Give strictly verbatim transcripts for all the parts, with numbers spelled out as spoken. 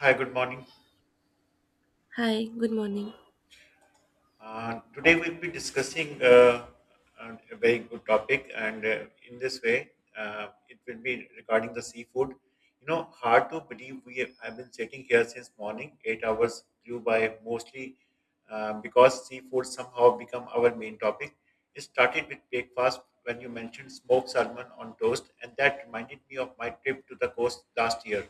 Hi, good morning. Hi, good morning. Uh, today we'll be discussing uh, a a very good topic, and uh, in this way, uh, it will be regarding the seafood. You know, hard to believe we have, have been sitting here since morning. Eight hours flew by mostly uh, because seafood somehow become our main topic. It started with breakfast when you mentioned smoked salmon on toast, and that reminded me of my trip to the coast last year.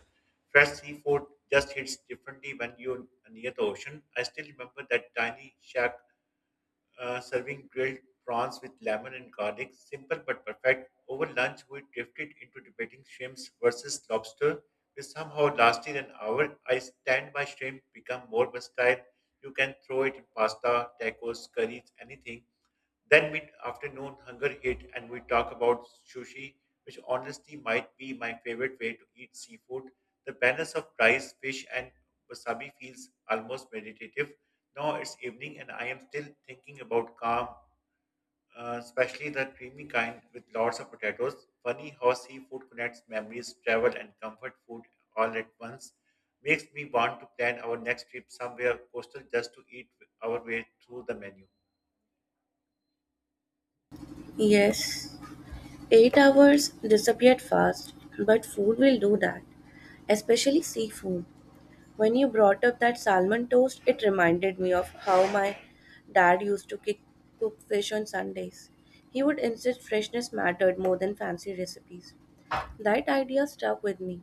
Fresh seafood just hits differently when you're near the ocean. I still remember that tiny shack uh, serving grilled prawns with lemon and garlic. Simple but perfect. Over lunch, we drifted into debating shrimps versus lobster, which somehow lasted an hour. I stand by shrimp become more versatile. You can throw it in pasta, tacos, curries, anything. Then mid afternoon hunger hit and we talk about sushi, which honestly might be my favorite way to eat seafood. The balance of rice, fish, and wasabi feels almost meditative. Now it's evening and I am still thinking about calm, uh, especially the creamy kind with lots of potatoes. Funny how seafood connects memories, travel, and comfort food all at once. Makes me want to plan our next trip somewhere coastal just to eat our way through the menu. Yes, eight hours disappeared fast, but food will do that, especially seafood. When you brought up that salmon toast, it reminded me of how my dad used to kick, cook fish on Sundays. He would insist freshness mattered more than fancy recipes. That idea stuck with me.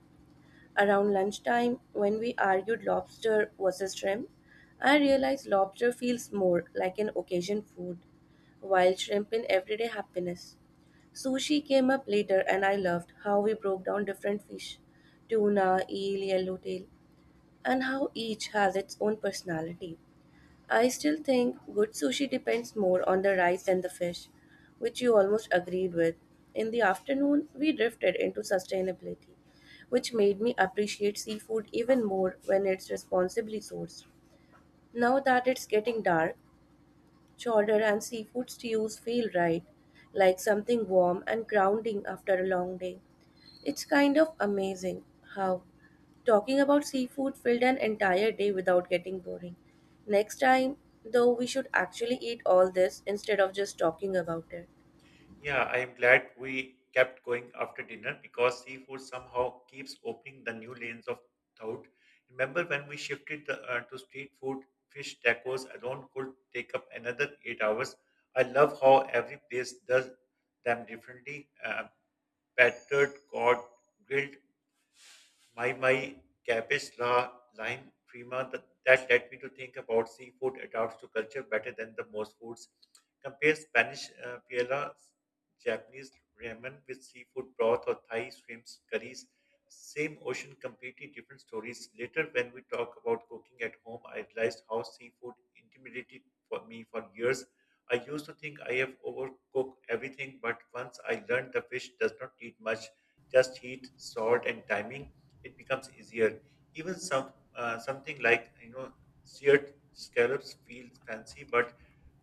Around lunchtime, when we argued lobster versus shrimp, I realized lobster feels more like an occasion food, while shrimp in everyday happiness. Sushi came up later, and I loved how we broke down different fish, tuna, eel, yellowtail, and how each has its own personality. I still think good sushi depends more on the rice than the fish, which you almost agreed with. In the afternoon, we drifted into sustainability, which made me appreciate seafood even more when it's responsibly sourced. Now that it's getting dark, chowder and seafood stews feel right, like something warm and grounding after a long day. It's kind of amazing how talking about seafood filled an entire day without getting boring. Next time, though, we should actually eat all this instead of just talking about it. Yeah, I'm glad we kept going after dinner because seafood somehow keeps opening the new lanes of thought. Remember when we shifted the, uh, to street food, fish tacos alone could take up another eight hours. I love how every place does them differently. Uh, battered, cod, grilled, my my cabbage la lime prima that, that led me to think about seafood adapts to culture better than the most foods. Compare Spanish uh, paella, Japanese ramen with seafood broth or Thai shrimps curries. Same ocean, completely different stories. Later, when we talk about cooking at home, I realized how seafood intimidated for me for years. I used to think I have overcooked everything, but once I learned the fish does not need much, just heat, salt, and timing it becomes easier. Even some uh, something like you know seared scallops feels fancy, but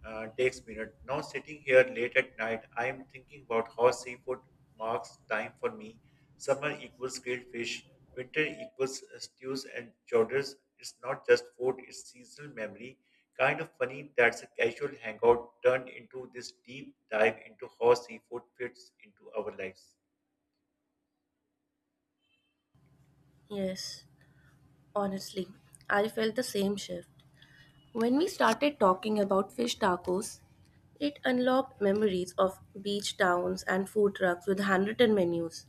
uh, takes minutes. Now sitting here late at night, I am thinking about how seafood marks time for me. Summer equals grilled fish, winter equals uh, stews and chowders. It's not just food; it's seasonal memory. Kind of funny that's a casual hangout turned into this deep dive into how seafood fits into our lives. Yes, honestly, I felt the same shift. When we started talking about fish tacos, it unlocked memories of beach towns and food trucks with handwritten menus.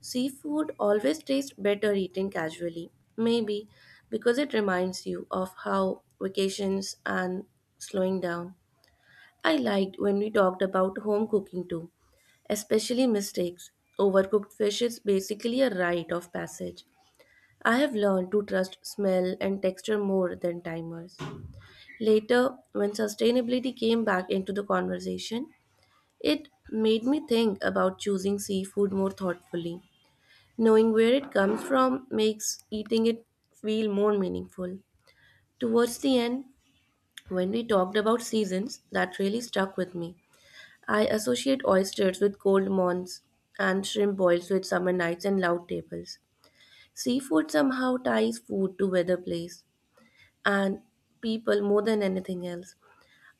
Seafood always tastes better eaten casually, maybe because it reminds you of how vacations and slowing down. I liked when we talked about home cooking too, especially mistakes. Overcooked fish is basically a rite of passage. I have learned to trust smell and texture more than timers. Later, when sustainability came back into the conversation, it made me think about choosing seafood more thoughtfully. Knowing where it comes from makes eating it feel more meaningful. Towards the end, when we talked about seasons, that really stuck with me. I associate oysters with cold morns and shrimp boils with summer nights and loud tables. Seafood somehow ties food to weather, place, and people more than anything else.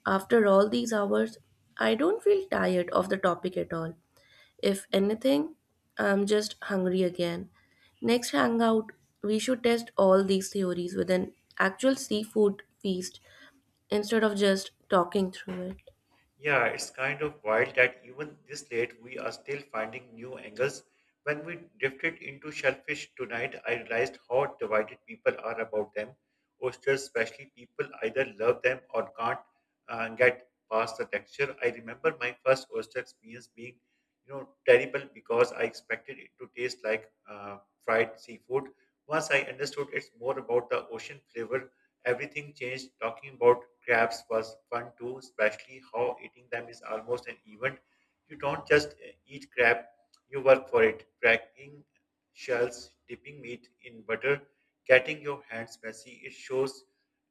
After all these hours, I don't feel tired of the topic at all. If anything, I'm just hungry again. Next hangout, we should test all these theories with an actual seafood feast instead of just talking through it. Yeah, it's kind of wild that even this late we are still finding new angles. When we drifted into shellfish tonight, I realized how divided people are about them. Oysters, especially, people either love them or can't uh, get past the texture. I remember my first oyster experience being, you know, terrible because I expected it to taste like uh, fried seafood. Once I understood it's more about the ocean flavor, everything changed. Talking about crabs was fun too, especially how eating them is almost an event. You don't just uh, eat crab, you work for it. Cracking shells, dipping meat in butter, getting your hands messy, it shows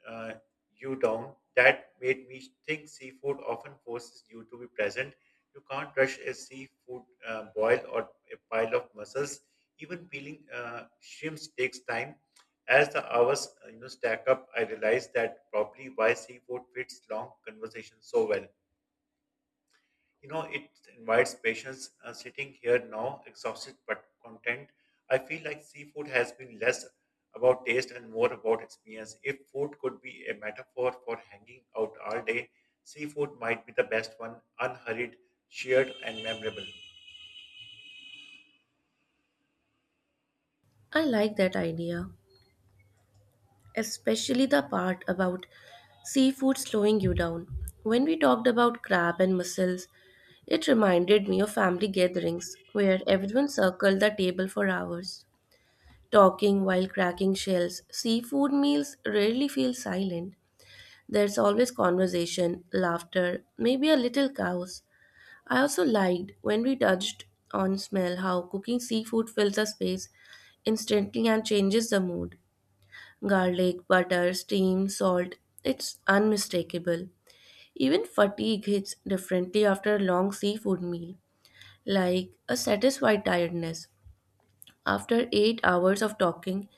uh, you down. That made me think seafood often forces you to be present. You can't rush a seafood uh, boil or a pile of mussels. Even peeling uh, shrimps takes time. As the hours uh, you know stack up, I realize that probably why seafood fits long conversations so well. You know, it invites patience. Uh, sitting here now, exhausted but content, I feel like seafood has been less about taste and more about experience. If food could be a metaphor for hanging out all day, seafood might be the best one, unhurried, shared, and memorable. I like that idea, especially the part about seafood slowing you down. When we talked about crab and mussels, it reminded me of family gatherings where everyone circled the table for hours, talking while cracking shells. Seafood meals rarely feel silent. There's always conversation, laughter, maybe a little chaos. I also liked when we touched on smell, how cooking seafood fills a space instantly and changes the mood. Garlic, butter, steam, salt, it's unmistakable. Even fatigue hits differently after a long seafood meal, like a satisfied tiredness. After eight hours of talking,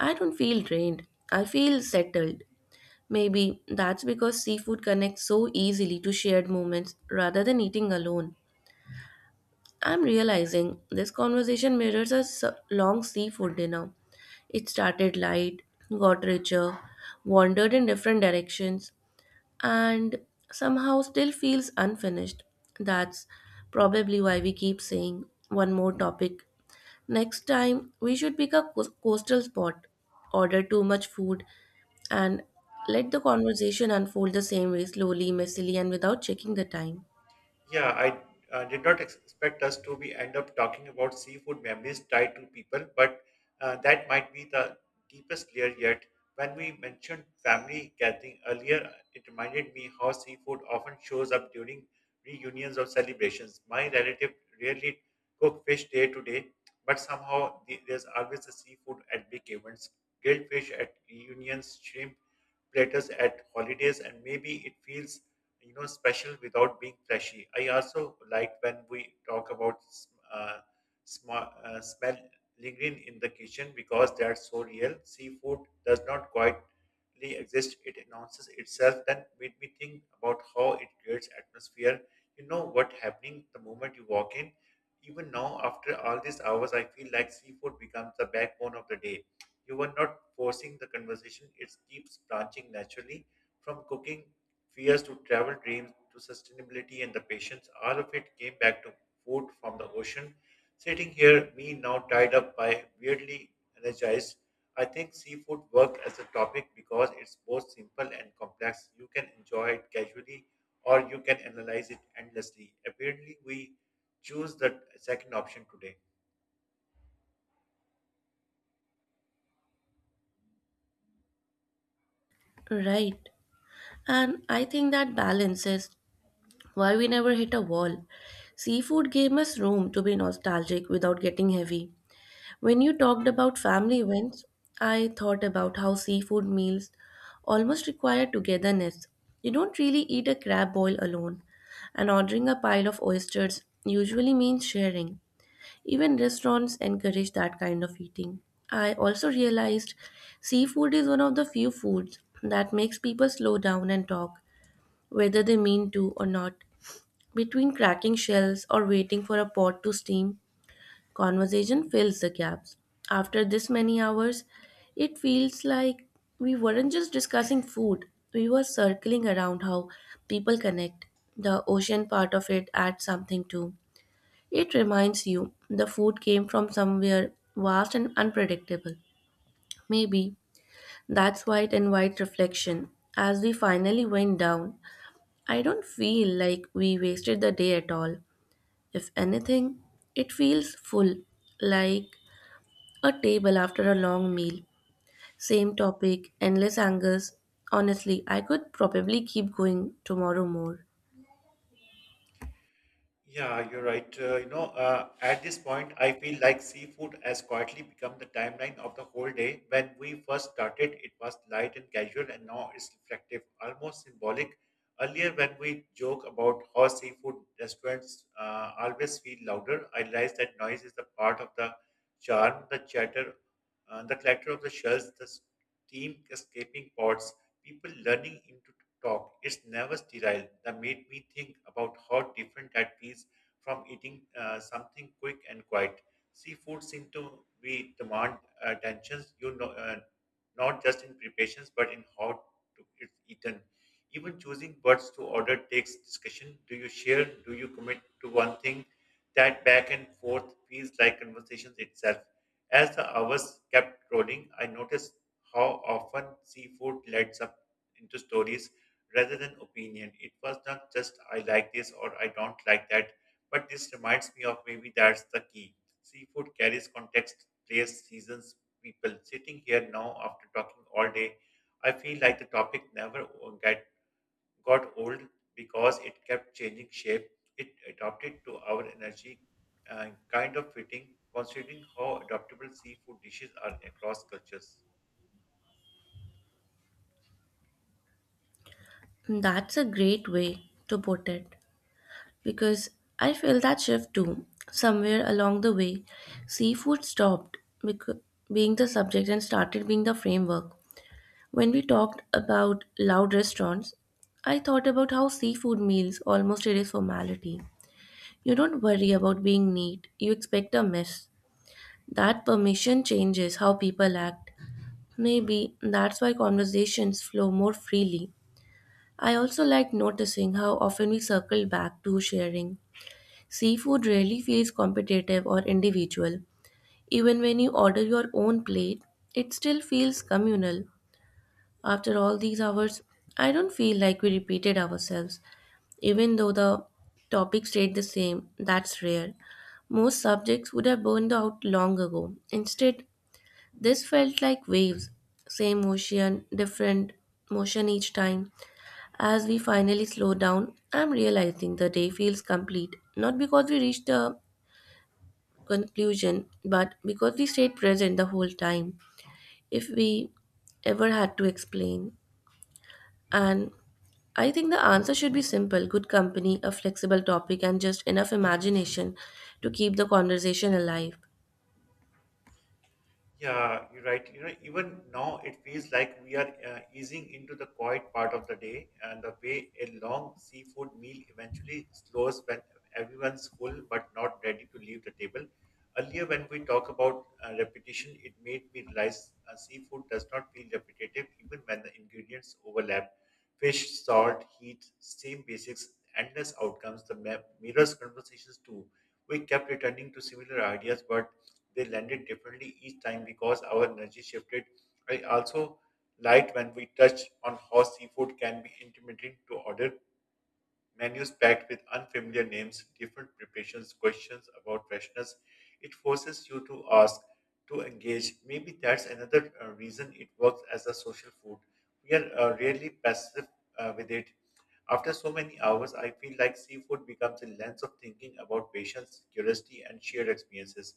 I don't feel drained. I feel settled. Maybe that's because seafood connects so easily to shared moments rather than eating alone. I'm realizing this conversation mirrors a s- long seafood dinner. It started light, got richer, wandered in different directions, and somehow still feels unfinished. That's probably why we keep saying one more topic. Next time, we should pick a coas- coastal spot, order too much food, and let the conversation unfold the same way, slowly, messily, and without checking the time. Yeah, I uh, did not expect us to be end up talking about seafood memories tied to people, but uh, that might be the deepest layer yet. When we mentioned family gathering earlier, it reminded me how seafood often shows up during reunions or celebrations. My relative rarely cook fish day to day, but somehow the- there's always a seafood at big events, grilled fish at reunions, shrimp platters at holidays, and maybe it feels you know special without being flashy. I also like when we talk about uh, small uh, smell lingering in the kitchen because they are so real. Seafood does not quietly exist; it announces itself. Then made me think about how it creates atmosphere. You know what happening the moment you walk in. Even now, after all these hours, I feel like seafood becomes the backbone of the day. You are not forcing the conversation; it keeps branching naturally from cooking fears to travel dreams to sustainability and the patience, all of it came back to food from the ocean. Sitting here, me now tied up by weirdly energized. I think seafood work as a topic because it's both simple and complex. You can enjoy it casually or you can analyze it endlessly. Apparently, we choose the second option today. Right. And I think that balance is why we never hit a wall. Seafood gave us room to be nostalgic without getting heavy. When you talked about family events, I thought about how seafood meals almost require togetherness. You don't really eat a crab boil alone, and ordering a pile of oysters usually means sharing. Even restaurants encourage that kind of eating. I also realized seafood is one of the few foods that makes people slow down and talk, whether they mean to or not. Between cracking shells or waiting for a pot to steam, conversation fills the gaps. After this many hours, it feels like we weren't just discussing food, we were circling around how people connect. The ocean part of it adds something too. It reminds you the food came from somewhere vast and unpredictable. Maybe that's why it invites reflection. As we finally went down, I don't feel like we wasted the day at all. If anything, it feels full, like a table after a long meal, same topic, endless angers. Honestly, I could probably keep going tomorrow more. Yeah, you're right. Uh, you know, uh, at this point, I feel like seafood has quietly become the timeline of the whole day. When we first started, it was light and casual, and now it's reflective, almost symbolic. Earlier, when we joke about how seafood restaurants uh, always feel louder, I realized that noise is the part of the charm, the chatter, uh, the clatter of the shells, the steam escaping pots, people learning talk. It's never sterile. That made me think about how different that feels from eating uh, something quick and quiet. Seafood seem to be demand attention, you know, uh, not just in preparations but in how to, it's eaten. Even choosing words to order takes discussion. Do you share? Do you commit to one thing? That back and forth feels like conversations itself. As the hours kept rolling, I noticed how often seafood led up into stories rather than opinion. It was not just I like this or I don't like that, but this reminds me of maybe that's the key. Seafood carries context, place, seasons, people. Sitting here now after talking all day, I feel like the topic never o- get, got old because it kept changing shape. It adapted to our energy, uh, kind of fitting, considering how adaptable seafood dishes are across cultures. That's a great way to put it, because I feel that shift too. Somewhere along the way, seafood stopped becau- being the subject and started being the framework. When we talked about loud restaurants, I thought about how seafood meals almost erase formality. You don't worry about being neat, you expect a mess. That permission changes how people act. Maybe that's why conversations flow more freely. I also like noticing how often we circle back to sharing. Seafood rarely feels competitive or individual. Even when you order your own plate, it still feels communal. After all these hours, I don't feel like we repeated ourselves. Even though the topic stayed the same, that's rare. Most subjects would have burned out long ago. Instead, this felt like waves, same ocean, different motion each time. As we finally slow down, I'm realizing the day feels complete, not because we reached a conclusion, but because we stayed present the whole time, if we ever had to explain. And I think the answer should be simple: good company, a flexible topic, and just enough imagination to keep the conversation alive. Yeah, you're right. You know, even now it feels like we are uh, easing into the quiet part of the day and the way a long seafood meal eventually slows when everyone's full but not ready to leave the table. Earlier, when we talk about uh, repetition, it made me realize uh, seafood does not feel repetitive even when the ingredients overlap. Fish, salt, heat, same basics, endless outcomes, the ma- mirrors conversations too. We kept returning to similar ideas, but they landed differently each time because our energy shifted. I also liked when we touched on how seafood can be intimidating to order menus packed with unfamiliar names, different preparations, questions about freshness. It forces you to ask, to engage. Maybe that's another uh, reason it works as a social food. We are uh, rarely passive uh, with it. After so many hours, I feel like seafood becomes a lens of thinking about patience, curiosity, and shared experiences.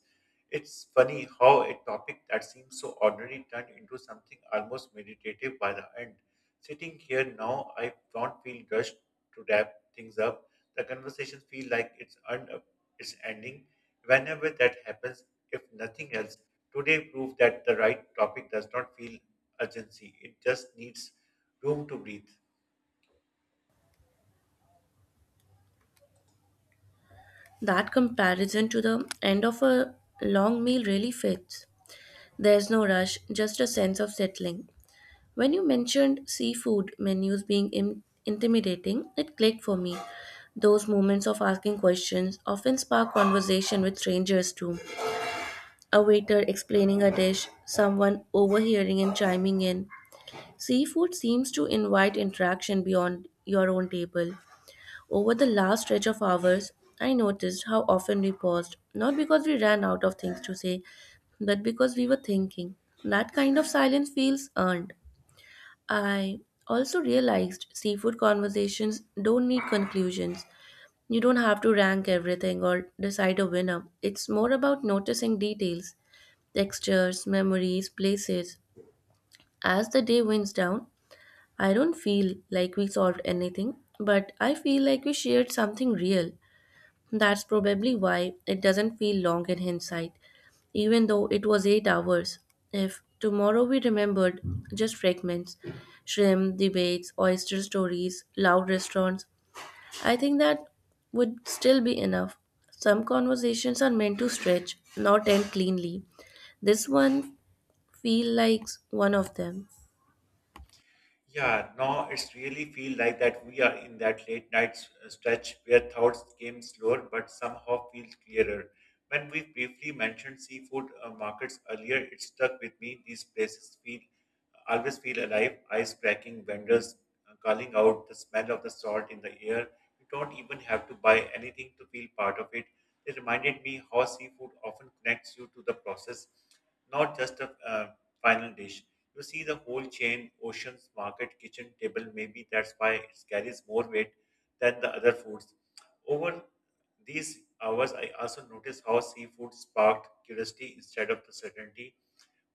It's funny how a topic that seems so ordinary turned into something almost meditative by the end. Sitting here now, I don't feel rushed to wrap things up. The conversations feel like it's un- it's ending. Whenever that happens, if nothing else, today proved that the right topic does not feel urgency. It just needs room to breathe. That comparison to the end of a long meal really fits. There's no rush, just a sense of settling. When you mentioned seafood menus being in- intimidating, it clicked for me. Those moments of asking questions often spark conversation with strangers too. A waiter explaining a dish, someone overhearing and chiming in. Seafood seems to invite interaction beyond your own table. Over the last stretch of hours, I noticed how often we paused, not because we ran out of things to say, but because we were thinking. That kind of silence feels earned. I also realized seafood conversations don't need conclusions. You don't have to rank everything or decide a winner. It's more about noticing details, textures, memories, places. As the day winds down, I don't feel like we solved anything, but I feel like we shared something real. That's probably why it doesn't feel long in hindsight, even though it was eight hours. If tomorrow we remembered just fragments, shrimp, debates, oyster stories, loud restaurants, I think that would still be enough. Some conversations are meant to stretch, not end cleanly. This one feel like one of them. Yeah, now it's really feel like that we are in that late night s- stretch where thoughts came slower but somehow feel clearer. When we briefly mentioned seafood uh, markets earlier, it stuck with me. These places feel always feel alive, ice cracking vendors uh, calling out the smell of the salt in the air. You don't even have to buy anything to feel part of it. It reminded me how seafood often connects you to the process, not just a uh, final dish. You see the whole chain, oceans, market, kitchen, table. Maybe that's why it carries more weight than the other foods. Over these hours, I also noticed how seafood sparked curiosity instead of the certainty.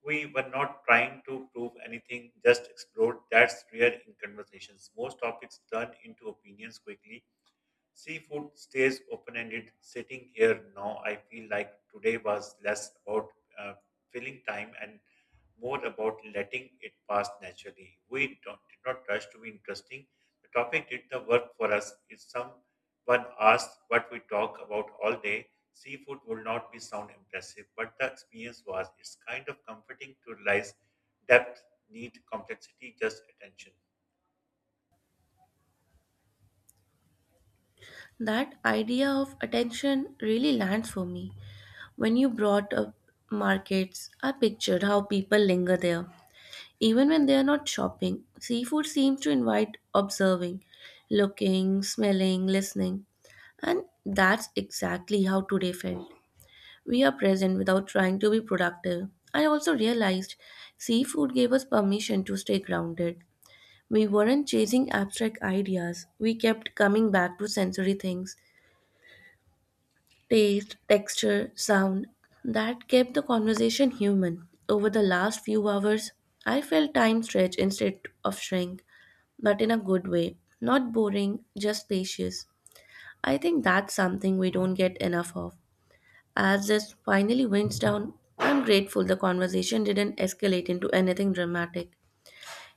We were not trying to prove anything, just explored. That's rare in conversations. Most topics turn into opinions quickly. Seafood stays open ended. Sitting here now, I feel like today was less about uh, filling time and more about letting it pass naturally. We don't, did not rush to be interesting. The topic did the work for us. If someone asked what we talk about all day, seafood will not be sound impressive, but the experience was. It's kind of comforting to realize depth need complexity, just attention. That idea of attention really lands for me. When you brought up markets, I pictured how people linger there. Even when they are not shopping, seafood seems to invite observing, looking, smelling, listening. And that's exactly how today felt. We are present without trying to be productive. I also realized seafood gave us permission to stay grounded. We weren't chasing abstract ideas, we kept coming back to sensory things, taste, texture, sound, that kept the conversation human. Over the last few hours, I felt time stretch instead of shrink, but in a good way, not boring, just spacious. I think that's something we don't get enough of. As this finally winds down, I'm grateful the conversation didn't escalate into anything dramatic.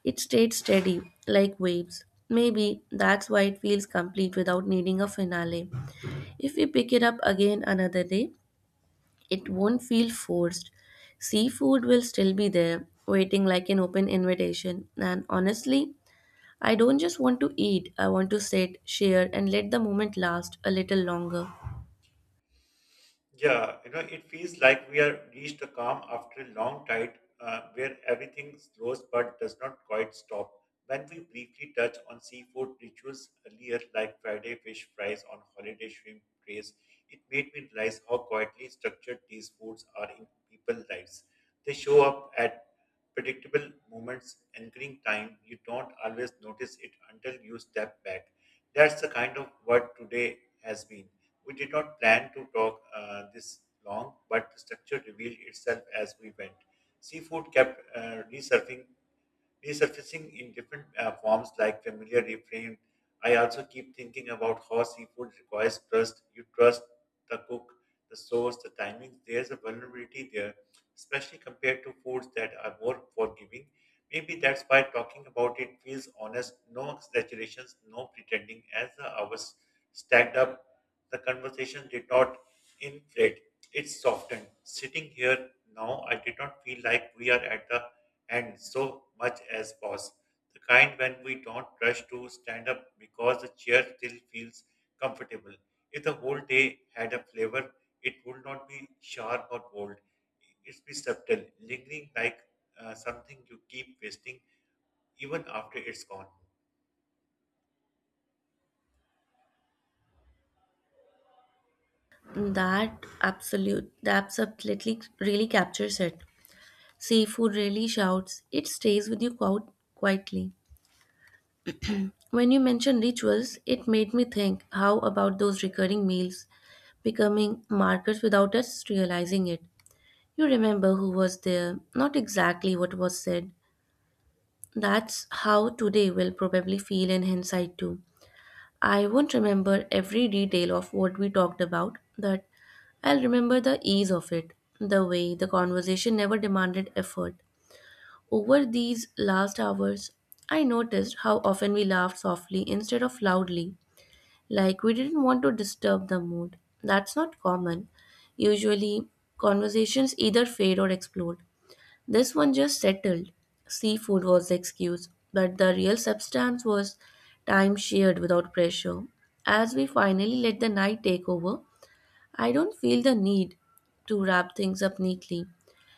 It stayed steady, like waves. Maybe that's why it feels complete without needing a finale. If we pick it up again another day, it won't feel forced. Seafood will still be there, waiting like an open invitation. And honestly, I don't just want to eat, I want to sit, share, and let the moment last a little longer. Yeah, you know, it feels like we are reached a calm after a long tide uh, where everything slows but does not quite stop. When we briefly touch on seafood rituals earlier, like Friday fish fries on holiday shrimp trays, it made me realize how quietly structured these foods are in people's lives. They show up at predictable moments, anchoring time. You don't always notice it until you step back. That's the kind of what today has been. We did not plan to talk uh, this long, but the structure revealed itself as we went. Seafood kept uh, resurfacing resurfacing in different uh, forms like familiar reframed. I also keep thinking about how seafood requires trust. You trust the cook, the source, the timing. There's a vulnerability there, especially compared to foods that are more forgiving. Maybe that's why talking about it feels honest, no exaggerations, no pretending. As the hours stacked up, the conversation did not inflate, it softened. Sitting here now, I did not feel like we are at the and so much as possible. The kind when we don't rush to stand up because the chair still feels comfortable. If the whole day had a flavor, it would not be sharp or bold. It's be subtle, lingering like uh, something you keep wasting even after it's gone. That absolute that absolutely really captures it. Seafood really shouts. It stays with you quite quietly. When you mentioned rituals, it made me think how about those recurring meals becoming markers without us realizing it. You remember who was there, not exactly what was said. That's how today will probably feel in hindsight too. I won't remember every detail of what we talked about, but I'll remember the ease of it, the way the conversation never demanded effort. Over these last hours, I noticed how often we laughed softly instead of loudly, like we didn't want to disturb the mood. That's not common. Usually, conversations either fade or explode. This one just settled. Seafood was the excuse, but the real substance was time shared without pressure. As we finally let the night take over, I don't feel the need to wrap things up neatly.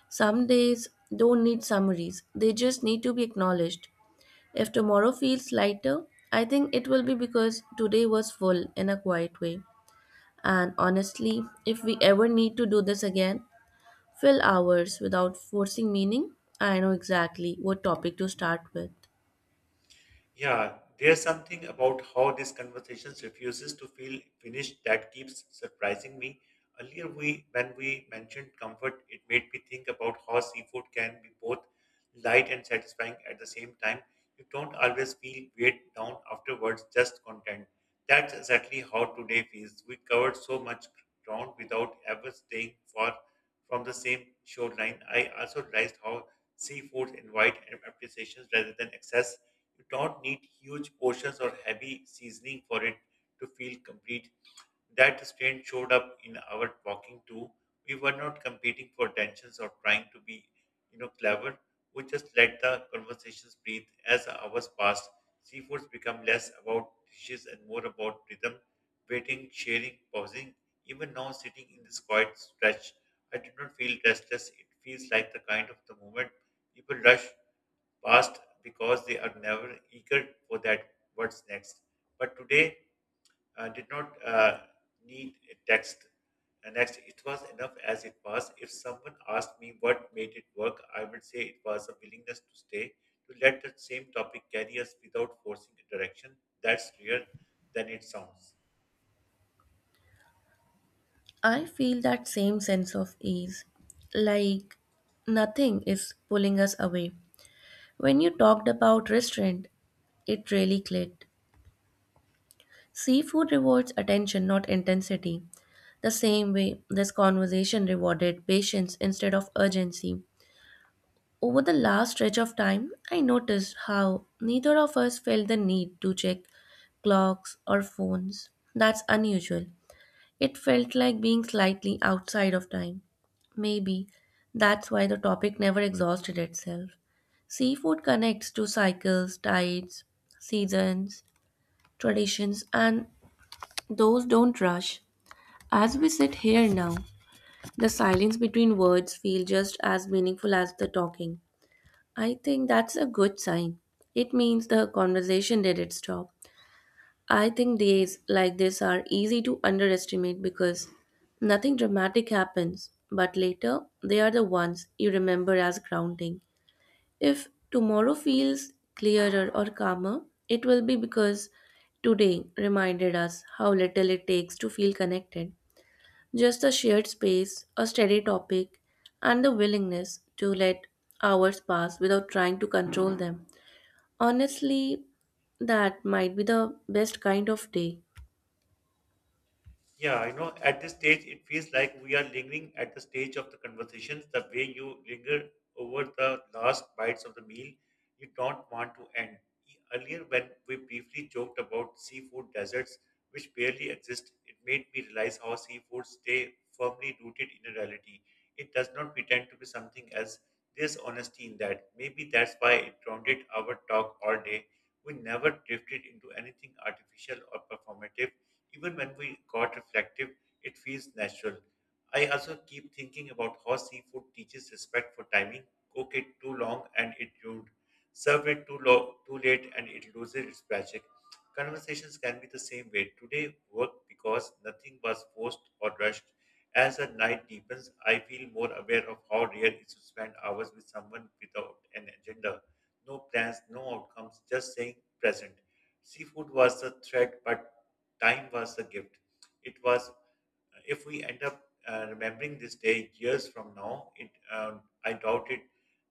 Some days don't need summaries, they just need to be acknowledged. If tomorrow feels lighter, I think it will be because today was full in a quiet way. And honestly, if we ever need to do this again, fill hours without forcing meaning, I know exactly what topic to start with. Yeah, there's something about how these conversations refuses to feel finished that keeps surprising me. Earlier, we when we mentioned comfort, it made me think about how seafood can be both light and satisfying at the same time. You don't always feel weighed down afterwards, just content. That's exactly how today feels. We covered so much ground without ever staying far from the same shoreline. I also realized how seafood invite appreciations rather than excess. You don't need huge portions or heavy seasoning for it to feel complete. That strain showed up in our walking too. We were not competing for attentions or trying to be, you know, clever. We just let the conversations breathe. As the hours passed, seafoods become less about dishes and more about rhythm, waiting, sharing, pausing. Even now, sitting in this quiet stretch, I did not feel restless. It feels like the kind of the moment people rush past because they are never eager for that what's next. But today uh, did not uh, need a text. And next, it was enough as it was. If someone asked me what made it work, I would say it was a willingness to stay, to let the same topic carry us without forcing a direction. That's rare than it sounds. I feel that same sense of ease, like nothing is pulling us away. When you talked about restraint, it really clicked. Seafood rewards attention, not intensity. The same way this conversation rewarded patience instead of urgency. Over the last stretch of time, I noticed how neither of us felt the need to check clocks or phones. That's unusual. It felt like being slightly outside of time. Maybe that's why the topic never exhausted itself. Seafood connects to cycles, tides, seasons, traditions, and those don't rush. As we sit here now, the silence between words feels just as meaningful as the talking. I think that's a good sign. It means the conversation did its job. I think days like this are easy to underestimate because nothing dramatic happens, but later they are the ones you remember as grounding. If tomorrow feels clearer or calmer, it will be because today reminded us how little it takes to feel connected. Just a shared space, a steady topic, and the willingness to let hours pass without trying to control them. Honestly, that might be the best kind of day. Yeah, you know, at this stage, it feels like we are lingering at the stage of the conversations, the way you linger over the last bites of the meal you don't want to end. Earlier, when we briefly joked about seafood deserts, which barely exist, it made me realize how seafood stay firmly rooted in a reality. It does not pretend to be something else. There's honesty in that. Maybe that's why it grounded our talk all day. We never drifted into anything artificial or performative even when we got reflective, it feels natural. I also keep thinking about how seafood teaches respect for timing. Cook it too long and it ruined. Serve it too low, too late and it loses its magic. Conversations can be the same way. Today worked because nothing was forced or rushed. As the night deepens, I feel more aware of how rare it is to spend hours with someone without an agenda. No plans, no outcomes, just saying present. Seafood was the thread, but time was a gift. It was, if we end up uh, remembering this day years from now, it um, I doubt it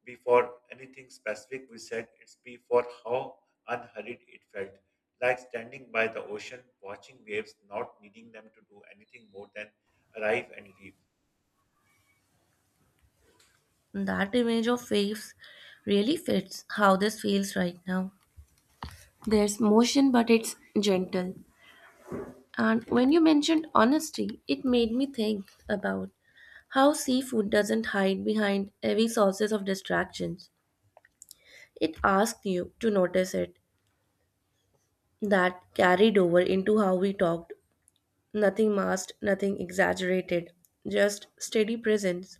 before anything specific we said, it's before how unhurried it felt. Like standing by the ocean, watching waves, not needing them to do anything more than arrive and leave. That image of waves really fits how this feels right now. There's motion, but it's gentle. And when you mentioned honesty, it made me think about how seafood doesn't hide behind heavy sources of distractions. It asked you to notice it. That carried over into how we talked. Nothing masked, nothing exaggerated, just steady presence.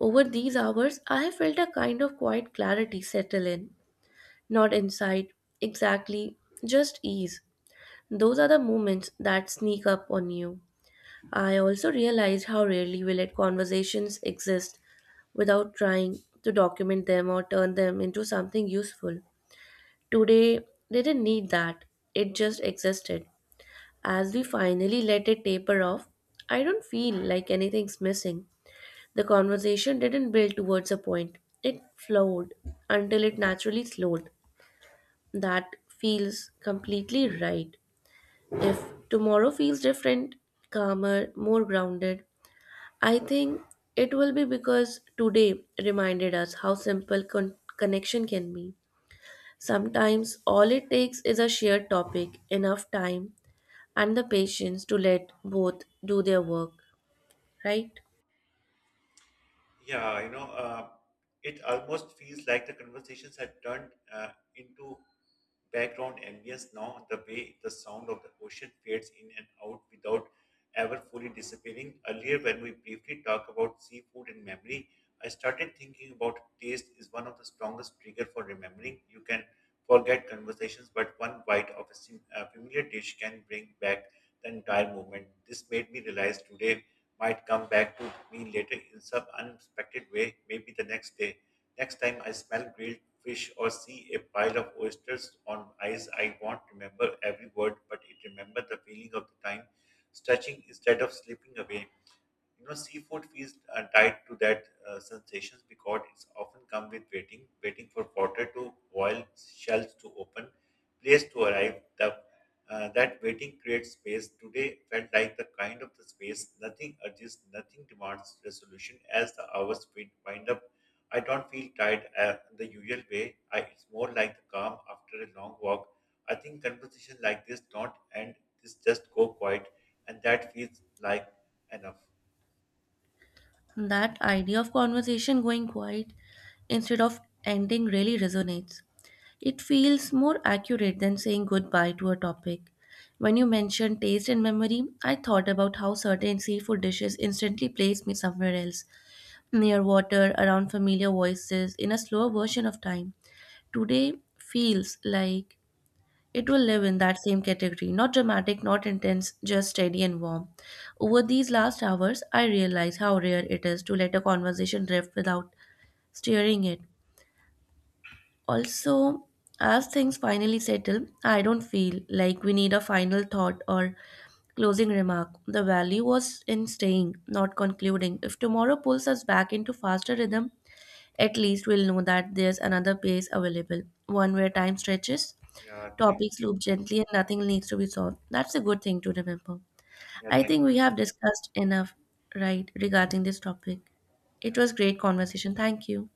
Over these hours, I have felt a kind of quiet clarity settle in. Not insight, exactly, just ease. Those are the moments that sneak up on you. I also realized how rarely we let conversations exist without trying to document them or turn them into something useful. Today, they didn't need that, it just existed. As we finally let it taper off, I don't feel like anything's missing. The conversation didn't build towards a point, it flowed until it naturally slowed. That feels completely right. If tomorrow feels different, calmer, more grounded, I think it will be because today reminded us how simple con- connection can be. Sometimes all it takes is a shared topic, enough time, and the patience to let both do their work, right? Yeah, you know, uh, it almost feels like the conversations had turned uh, into background ambience now, the way the sound of the ocean fades in and out without ever fully disappearing. Earlier, when we briefly talked about seafood and memory, I started thinking about taste is one of the strongest trigger for remembering. You can forget conversations, but one bite of a sim- a familiar dish can bring back the entire moment. This made me realize today might come back to me later in some unexpected way, maybe the next day. Next time I smell grilled fish or see a pile of oysters on ice, I won't remember every word, but it remember the feeling of the time stretching instead of slipping away. You know, seafood feels uh, tied to that uh, sensations because it's often come with waiting, waiting for water to boil, shells to open, place to arrive. The, uh, that waiting creates space. Today felt like the kind of the space. Nothing urges, nothing demands resolution. As the hours wind wind up, I don't feel tired uh, the usual way. I, it's more like the calm after a long walk. I think conversation like this don't end. This just go quiet, and that feels like enough. That idea of conversation going quiet instead of ending really resonates. It feels more accurate than saying goodbye to a topic. When you mentioned taste and memory, I thought about how certain seafood dishes instantly place me somewhere else, near water, around familiar voices, in a slower version of time. Today feels like it will live in that same category, not dramatic, not intense, just steady and warm. Over these last hours, I realized how rare it is to let a conversation drift without steering it. Also, as things finally settle, I don't feel like we need a final thought or closing remark. The value was in staying, not concluding. If tomorrow pulls us back into faster rhythm, at least we'll know that there's another pace available, one where time stretches, Yeah, thank topics you. loop gently and nothing needs to be solved. That's a good thing to remember. Yeah, I thank think we you. have discussed enough, right, regarding this topic. It was Yeah. great conversation. Thank you.